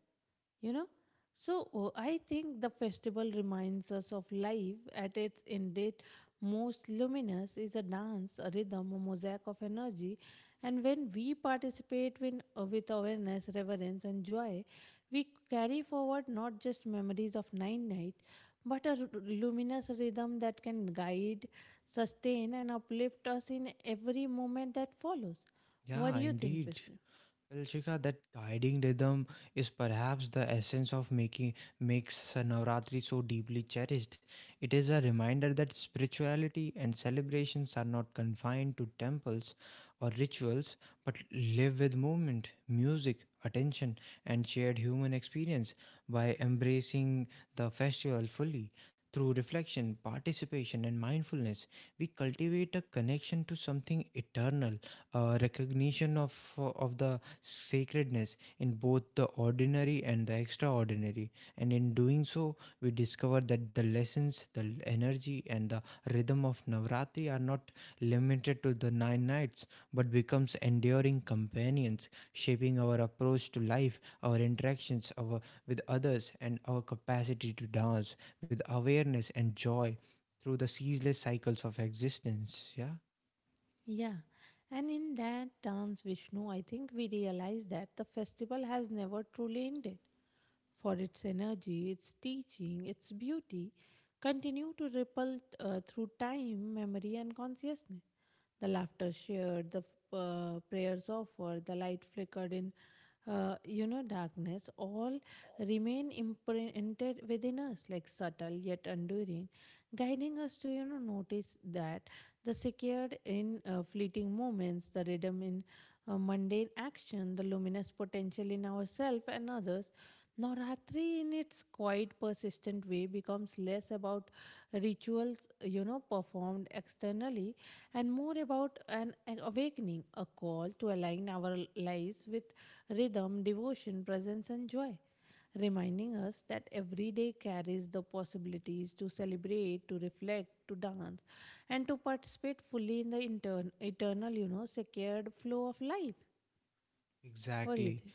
You know, so I think the festival reminds us of life at its indeed most luminous is a dance, a rhythm, a mosaic of energy. And when we participate with awareness, reverence, and joy, we carry forward not just memories of nine nights but a luminous rhythm that can guide, sustain, and uplift us in every moment that follows. What do Yeah, you think, indeed. Vishnu? Well, Shikha, that guiding rhythm is perhaps the essence of making makes Navratri so deeply cherished. It is a reminder that spirituality and celebrations are not confined to temples or rituals, but live with movement, music, attention, and shared human experience. By embracing the festival fully through reflection, participation, and mindfulness, we cultivate a connection to something eternal, a recognition of the sacredness in both the ordinary and the extraordinary. And in doing so, we discover that the lessons, the energy, and the rhythm of Navratri are not limited to the nine nights but becomes enduring companions, shaping our approach to life, our interactions our, with others, and our capacity to dance with awareness and joy through the ceaseless cycles of existence. Yeah, Yeah, and in that dance, Vishnu, I think we realize that the festival has never truly ended, for its energy, its teaching, its beauty, continue to ripple through time, memory, and consciousness. The laughter shared, the prayers offered, the light flickered in, darkness, all remain imprinted within us, like subtle yet enduring, guiding us to, you know, notice that the secured in fleeting moments, the rhythm in mundane action, the luminous potential in ourselves and others. Navratri, in its quite persistent way, becomes less about rituals, you know, performed externally and more about an awakening, a call to align our lives with rhythm, devotion, presence, and joy, reminding us that every day carries the possibilities to celebrate, to reflect, to dance, and to participate fully in the eternal, you know, secured flow of life. What do you exactly. think?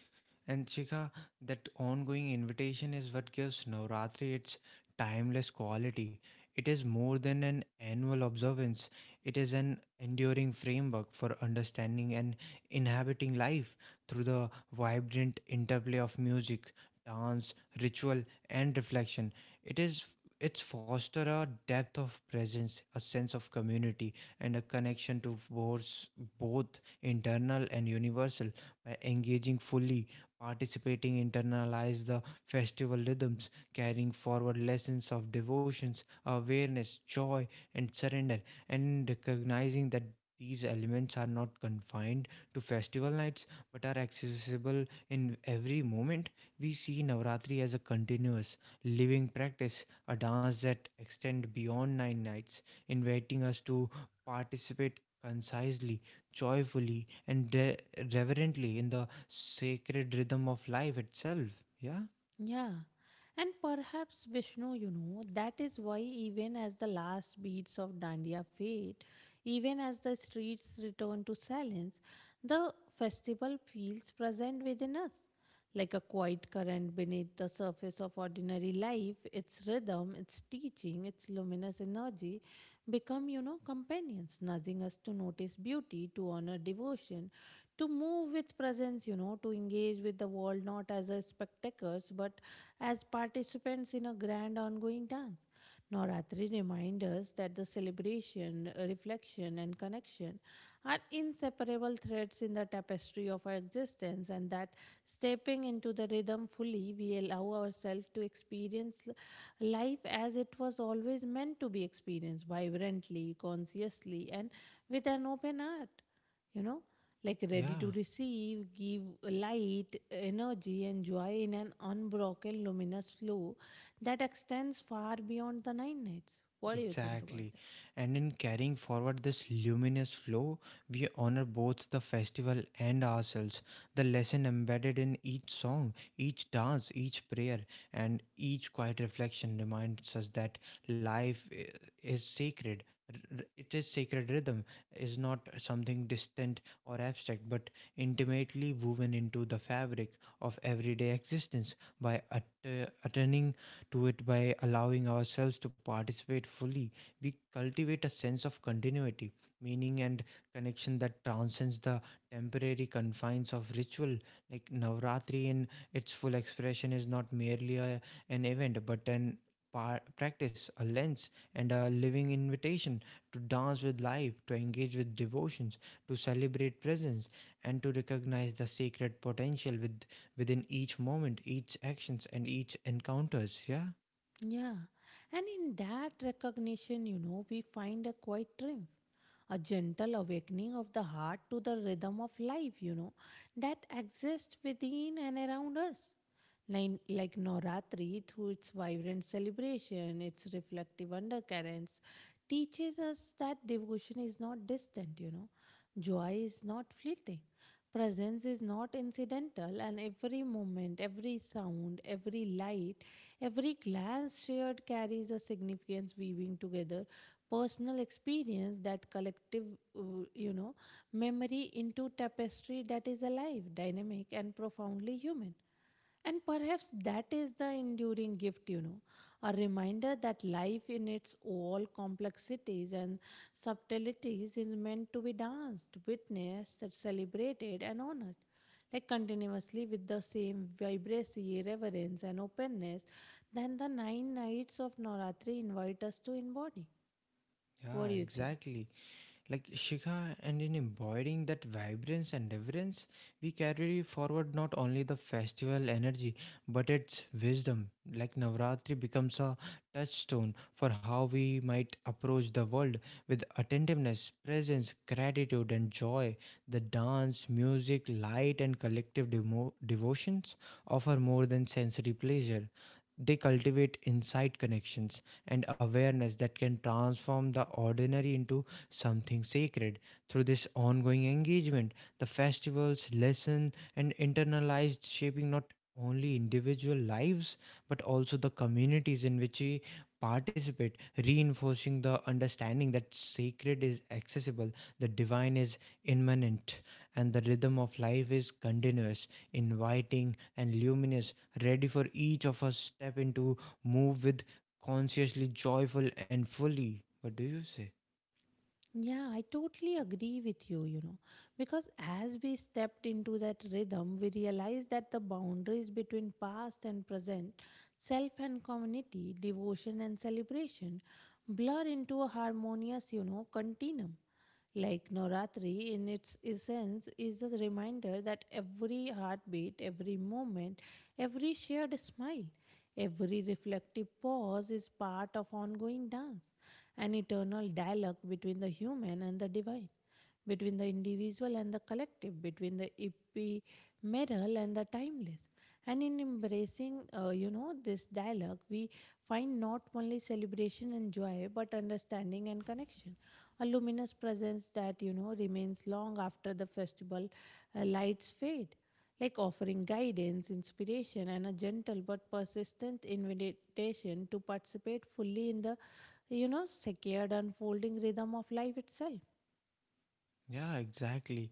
And Chika, that ongoing invitation is what gives Navratri its timeless quality. It is more than an annual observance, it is an enduring framework for understanding and inhabiting life through the vibrant interplay of music, dance, ritual, and reflection. It is it's foster a depth of presence, a sense of community, and a connection to both internal and universal by engaging fully participating internalize the festival rhythms, carrying forward lessons of devotions, awareness, joy, and surrender, and recognizing that these elements are not confined to festival nights but are accessible in every moment. We see Navratri as a continuous, living practice, a dance that extends beyond nine nights, inviting us to participate concisely, joyfully, and reverently in the sacred rhythm of life itself. Yeah, Yeah, and perhaps Vishnu, you know, that is why even as the last beats of Dandiya fade, even as the streets return to silence, the festival feels present within us. Like a quiet current beneath the surface of ordinary life, its rhythm, its teaching, its luminous energy become, you know, companions, nudging us to notice beauty, to honor devotion, to move with presence, you know, to engage with the world not as a spectators but as participants in a grand ongoing dance. Navratri reminds us that the celebration, reflection, and connection are inseparable threads in the tapestry of our existence, and that stepping into the rhythm fully, we allow ourselves to experience life as it was always meant to be experienced vibrantly, consciously, and with an open heart, you know, like ready to yeah. receive, give light, energy, and joy in an unbroken luminous flow that extends far beyond the nine nights. What do you think about Exactly. that? And in carrying forward this luminous flow, we honor both the festival and ourselves. The lesson embedded in each song, each dance, each prayer, and each quiet reflection reminds us that life is sacred. It is sacred rhythm, is not something distant or abstract, but intimately woven into the fabric of everyday existence by uttering to it by allowing ourselves to participate fully. We cultivate a sense of continuity, meaning, and connection that transcends the temporary confines of ritual. Like Navratri, in its full expression, is not merely an event but an practice, a lens, and a living invitation to dance with life, to engage with devotions, to celebrate presence, and to recognize the sacred potential with within each moment, each actions, and each encounters. Yeah, Yeah, and in that recognition, you know, we find a quiet triumph, a gentle awakening of the heart to the rhythm of life, you know, that exists within and around us. Like Noratri, through its vibrant celebration, its reflective undercurrents, teaches us that devotion is not distant, you know. Joy is not fleeting. Presence is not incidental, and every moment, every sound, every light, every glance shared carries a significance, weaving together personal experience that collective, uh, you know, memory into tapestry that is alive, dynamic, and profoundly human. And perhaps that is the enduring gift, you know, a reminder that life in its all complexities and subtleties is meant to be danced, witnessed, and celebrated, and honored. Like continuously with the same vibrancy, reverence, and openness, then the nine nights of Navratri invite us to embody. yeah, What do you think? exactly. Like Shikha, and in embodying that vibrance and reverence, we carry forward not only the festival energy but its wisdom. Like Navratri becomes a touchstone for how we might approach the world with attentiveness, presence, gratitude, and joy. The dance, music, light, and collective devotions offer more than sensory pleasure. They cultivate insight connections and awareness that can transform the ordinary into something sacred. Through this ongoing engagement, the festivals lesson and internalized shaping not only individual lives but also the communities in which we participate, reinforcing the understanding that sacred is accessible, the divine is immanent, and the rhythm of life is continuous, inviting, and luminous, ready for each of us step into move with consciously joyful and fully. What do you say? Yeah, I totally agree with you, you know, because as we stepped into that rhythm, we realized that the boundaries between past and present, self and community, devotion and celebration blur into a harmonious, you know, continuum. Like Navratri, in its essence, is a reminder that every heartbeat, every moment, every shared smile, every reflective pause is part of ongoing dance, an eternal dialogue between the human and the divine, between the individual and the collective, between the ephemeral and the timeless. And in embracing this dialogue, we find not only celebration and joy, but understanding and connection. A luminous presence that, you know, remains long after the festival lights fade, like offering guidance, inspiration, and a gentle but persistent invitation to participate fully in the secured unfolding rhythm of life itself. Yeah, exactly.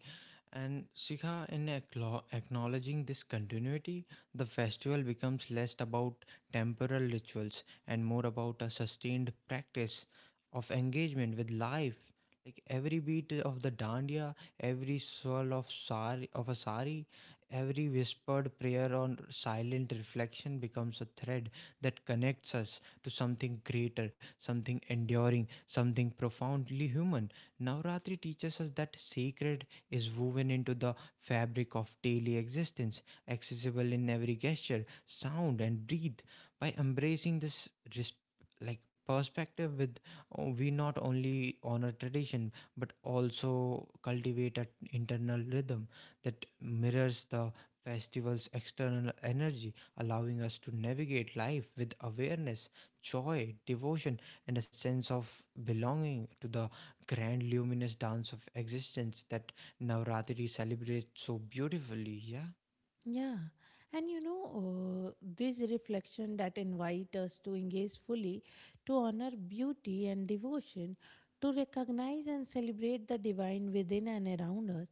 And Sikha in acknowledging this continuity, the festival becomes less about temporal rituals and more about a sustained practice of engagement with life. Like every beat of the dandiya, every swirl of sari of a sari, every whispered prayer or silent reflection becomes a thread that connects us to something greater, something enduring, something profoundly human. Navratri teaches us that sacred is woven into the fabric of daily existence, accessible in every gesture, sound, and breathe. By embracing this res- like perspective with oh, we not only honor tradition but also cultivate an internal rhythm that mirrors the festival's external energy allowing us to navigate life with awareness joy devotion and a sense of belonging to the grand luminous dance of existence that Navratri celebrates so beautifully. Yeah. Yeah, and you know, this reflection that invite us to engage fully, to honor beauty and devotion, to recognize and celebrate the divine within and around us.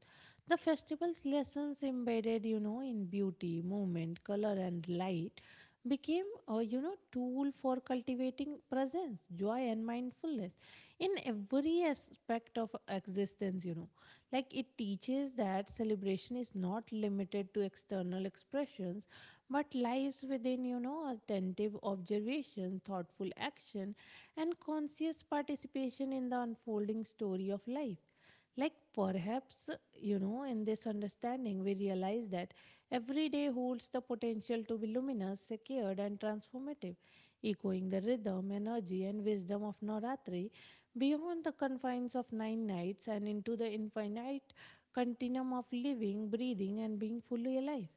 The festival's lessons embedded, you know, in beauty, movement, color, and light became a, you know, tool for cultivating presence, joy, and mindfulness in every aspect of existence, you know. Like it teaches that celebration is not limited to external expressions but lies within, you know, attentive observation, thoughtful action, and conscious participation in the unfolding story of life. Like, perhaps, you know, in this understanding, we realize that every day holds the potential to be luminous, secured, and transformative, echoing the rhythm, energy, and wisdom of Navratri beyond the confines of nine nights and into the infinite continuum of living, breathing, and being fully alive.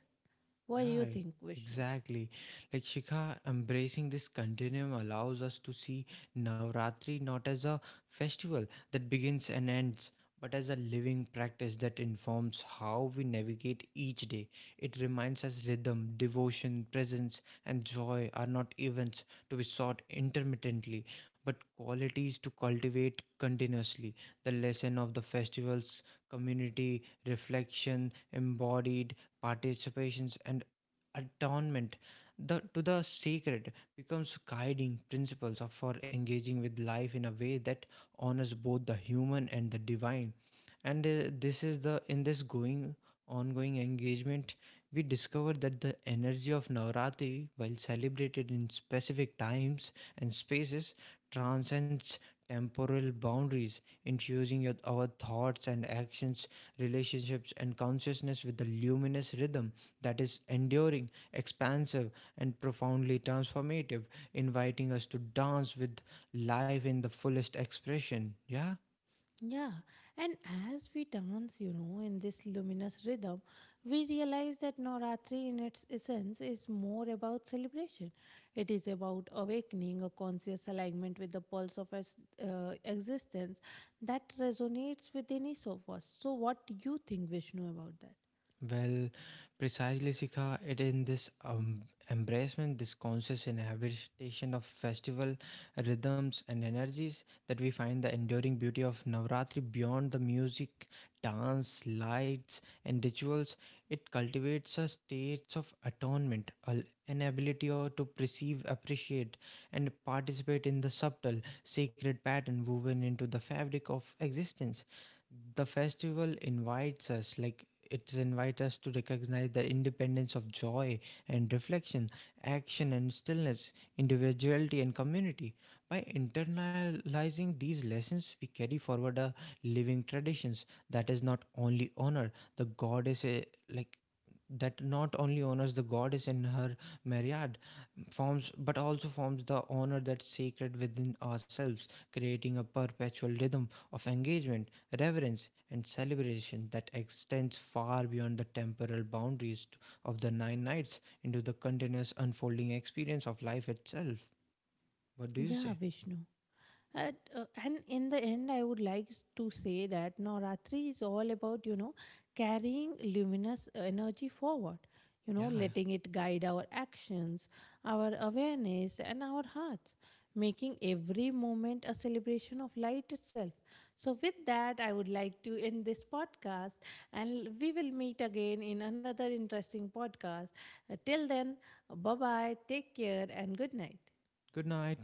What do you Yeah, think, Vishnu? exactly. Like Shikha, embracing this continuum allows us to see Navratri not as a festival that begins and ends, but as a living practice that informs how we navigate each day. It reminds us rhythm, devotion, presence, and joy are not events to be sought intermittently, but qualities to cultivate continuously. The lesson of the festival's community, reflection, embodied participations and atonement the, to the sacred becomes guiding principles for engaging with life in a way that honors both the human and the divine. And this is the in this going ongoing engagement we discover that the energy of navratri while celebrated in specific times and spaces transcends temporal boundaries infusing our thoughts and actions relationships and consciousness with the luminous rhythm that is enduring, expansive, and profoundly transformative, inviting us to dance with life in the fullest expression. Yeah. Yeah, and as we dance, you know, in this luminous rhythm, we realize that Navratri, in its essence, is more about celebration. It is about awakening a conscious alignment with the pulse of existence that resonates within each of us. So, what do you think, Vishnu, about that? Well, precisely, Sika, it in this embracement, this conscious inhabitation of festival rhythms and energies that we find the enduring beauty of Navratri beyond the music, dance, lights, and rituals. It cultivates a state of atonement, an ability or to perceive, appreciate, and participate in the subtle, sacred pattern woven into the fabric of existence. The festival invites us, like it invites us to recognize the independence of joy and reflection, action and stillness, individuality and community. By internalizing these lessons we carry forward a living traditions that is not only honor the goddess like that not only honors the goddess in her myriad forms but also forms the honor that's sacred within ourselves creating a perpetual rhythm of engagement reverence and celebration that extends far beyond the temporal boundaries of the nine nights into the continuous unfolding experience of life itself. What do you Yeah, say? Vishnu. And in the end, I would like to say that Navratri is all about, you know, carrying luminous energy forward, you know, Yeah. letting it guide our actions, our awareness, and our hearts, making every moment a celebration of light itself. So, with that, I would like to end this podcast and we will meet again in another interesting podcast. Till then, bye bye, take care, and good night. Good night.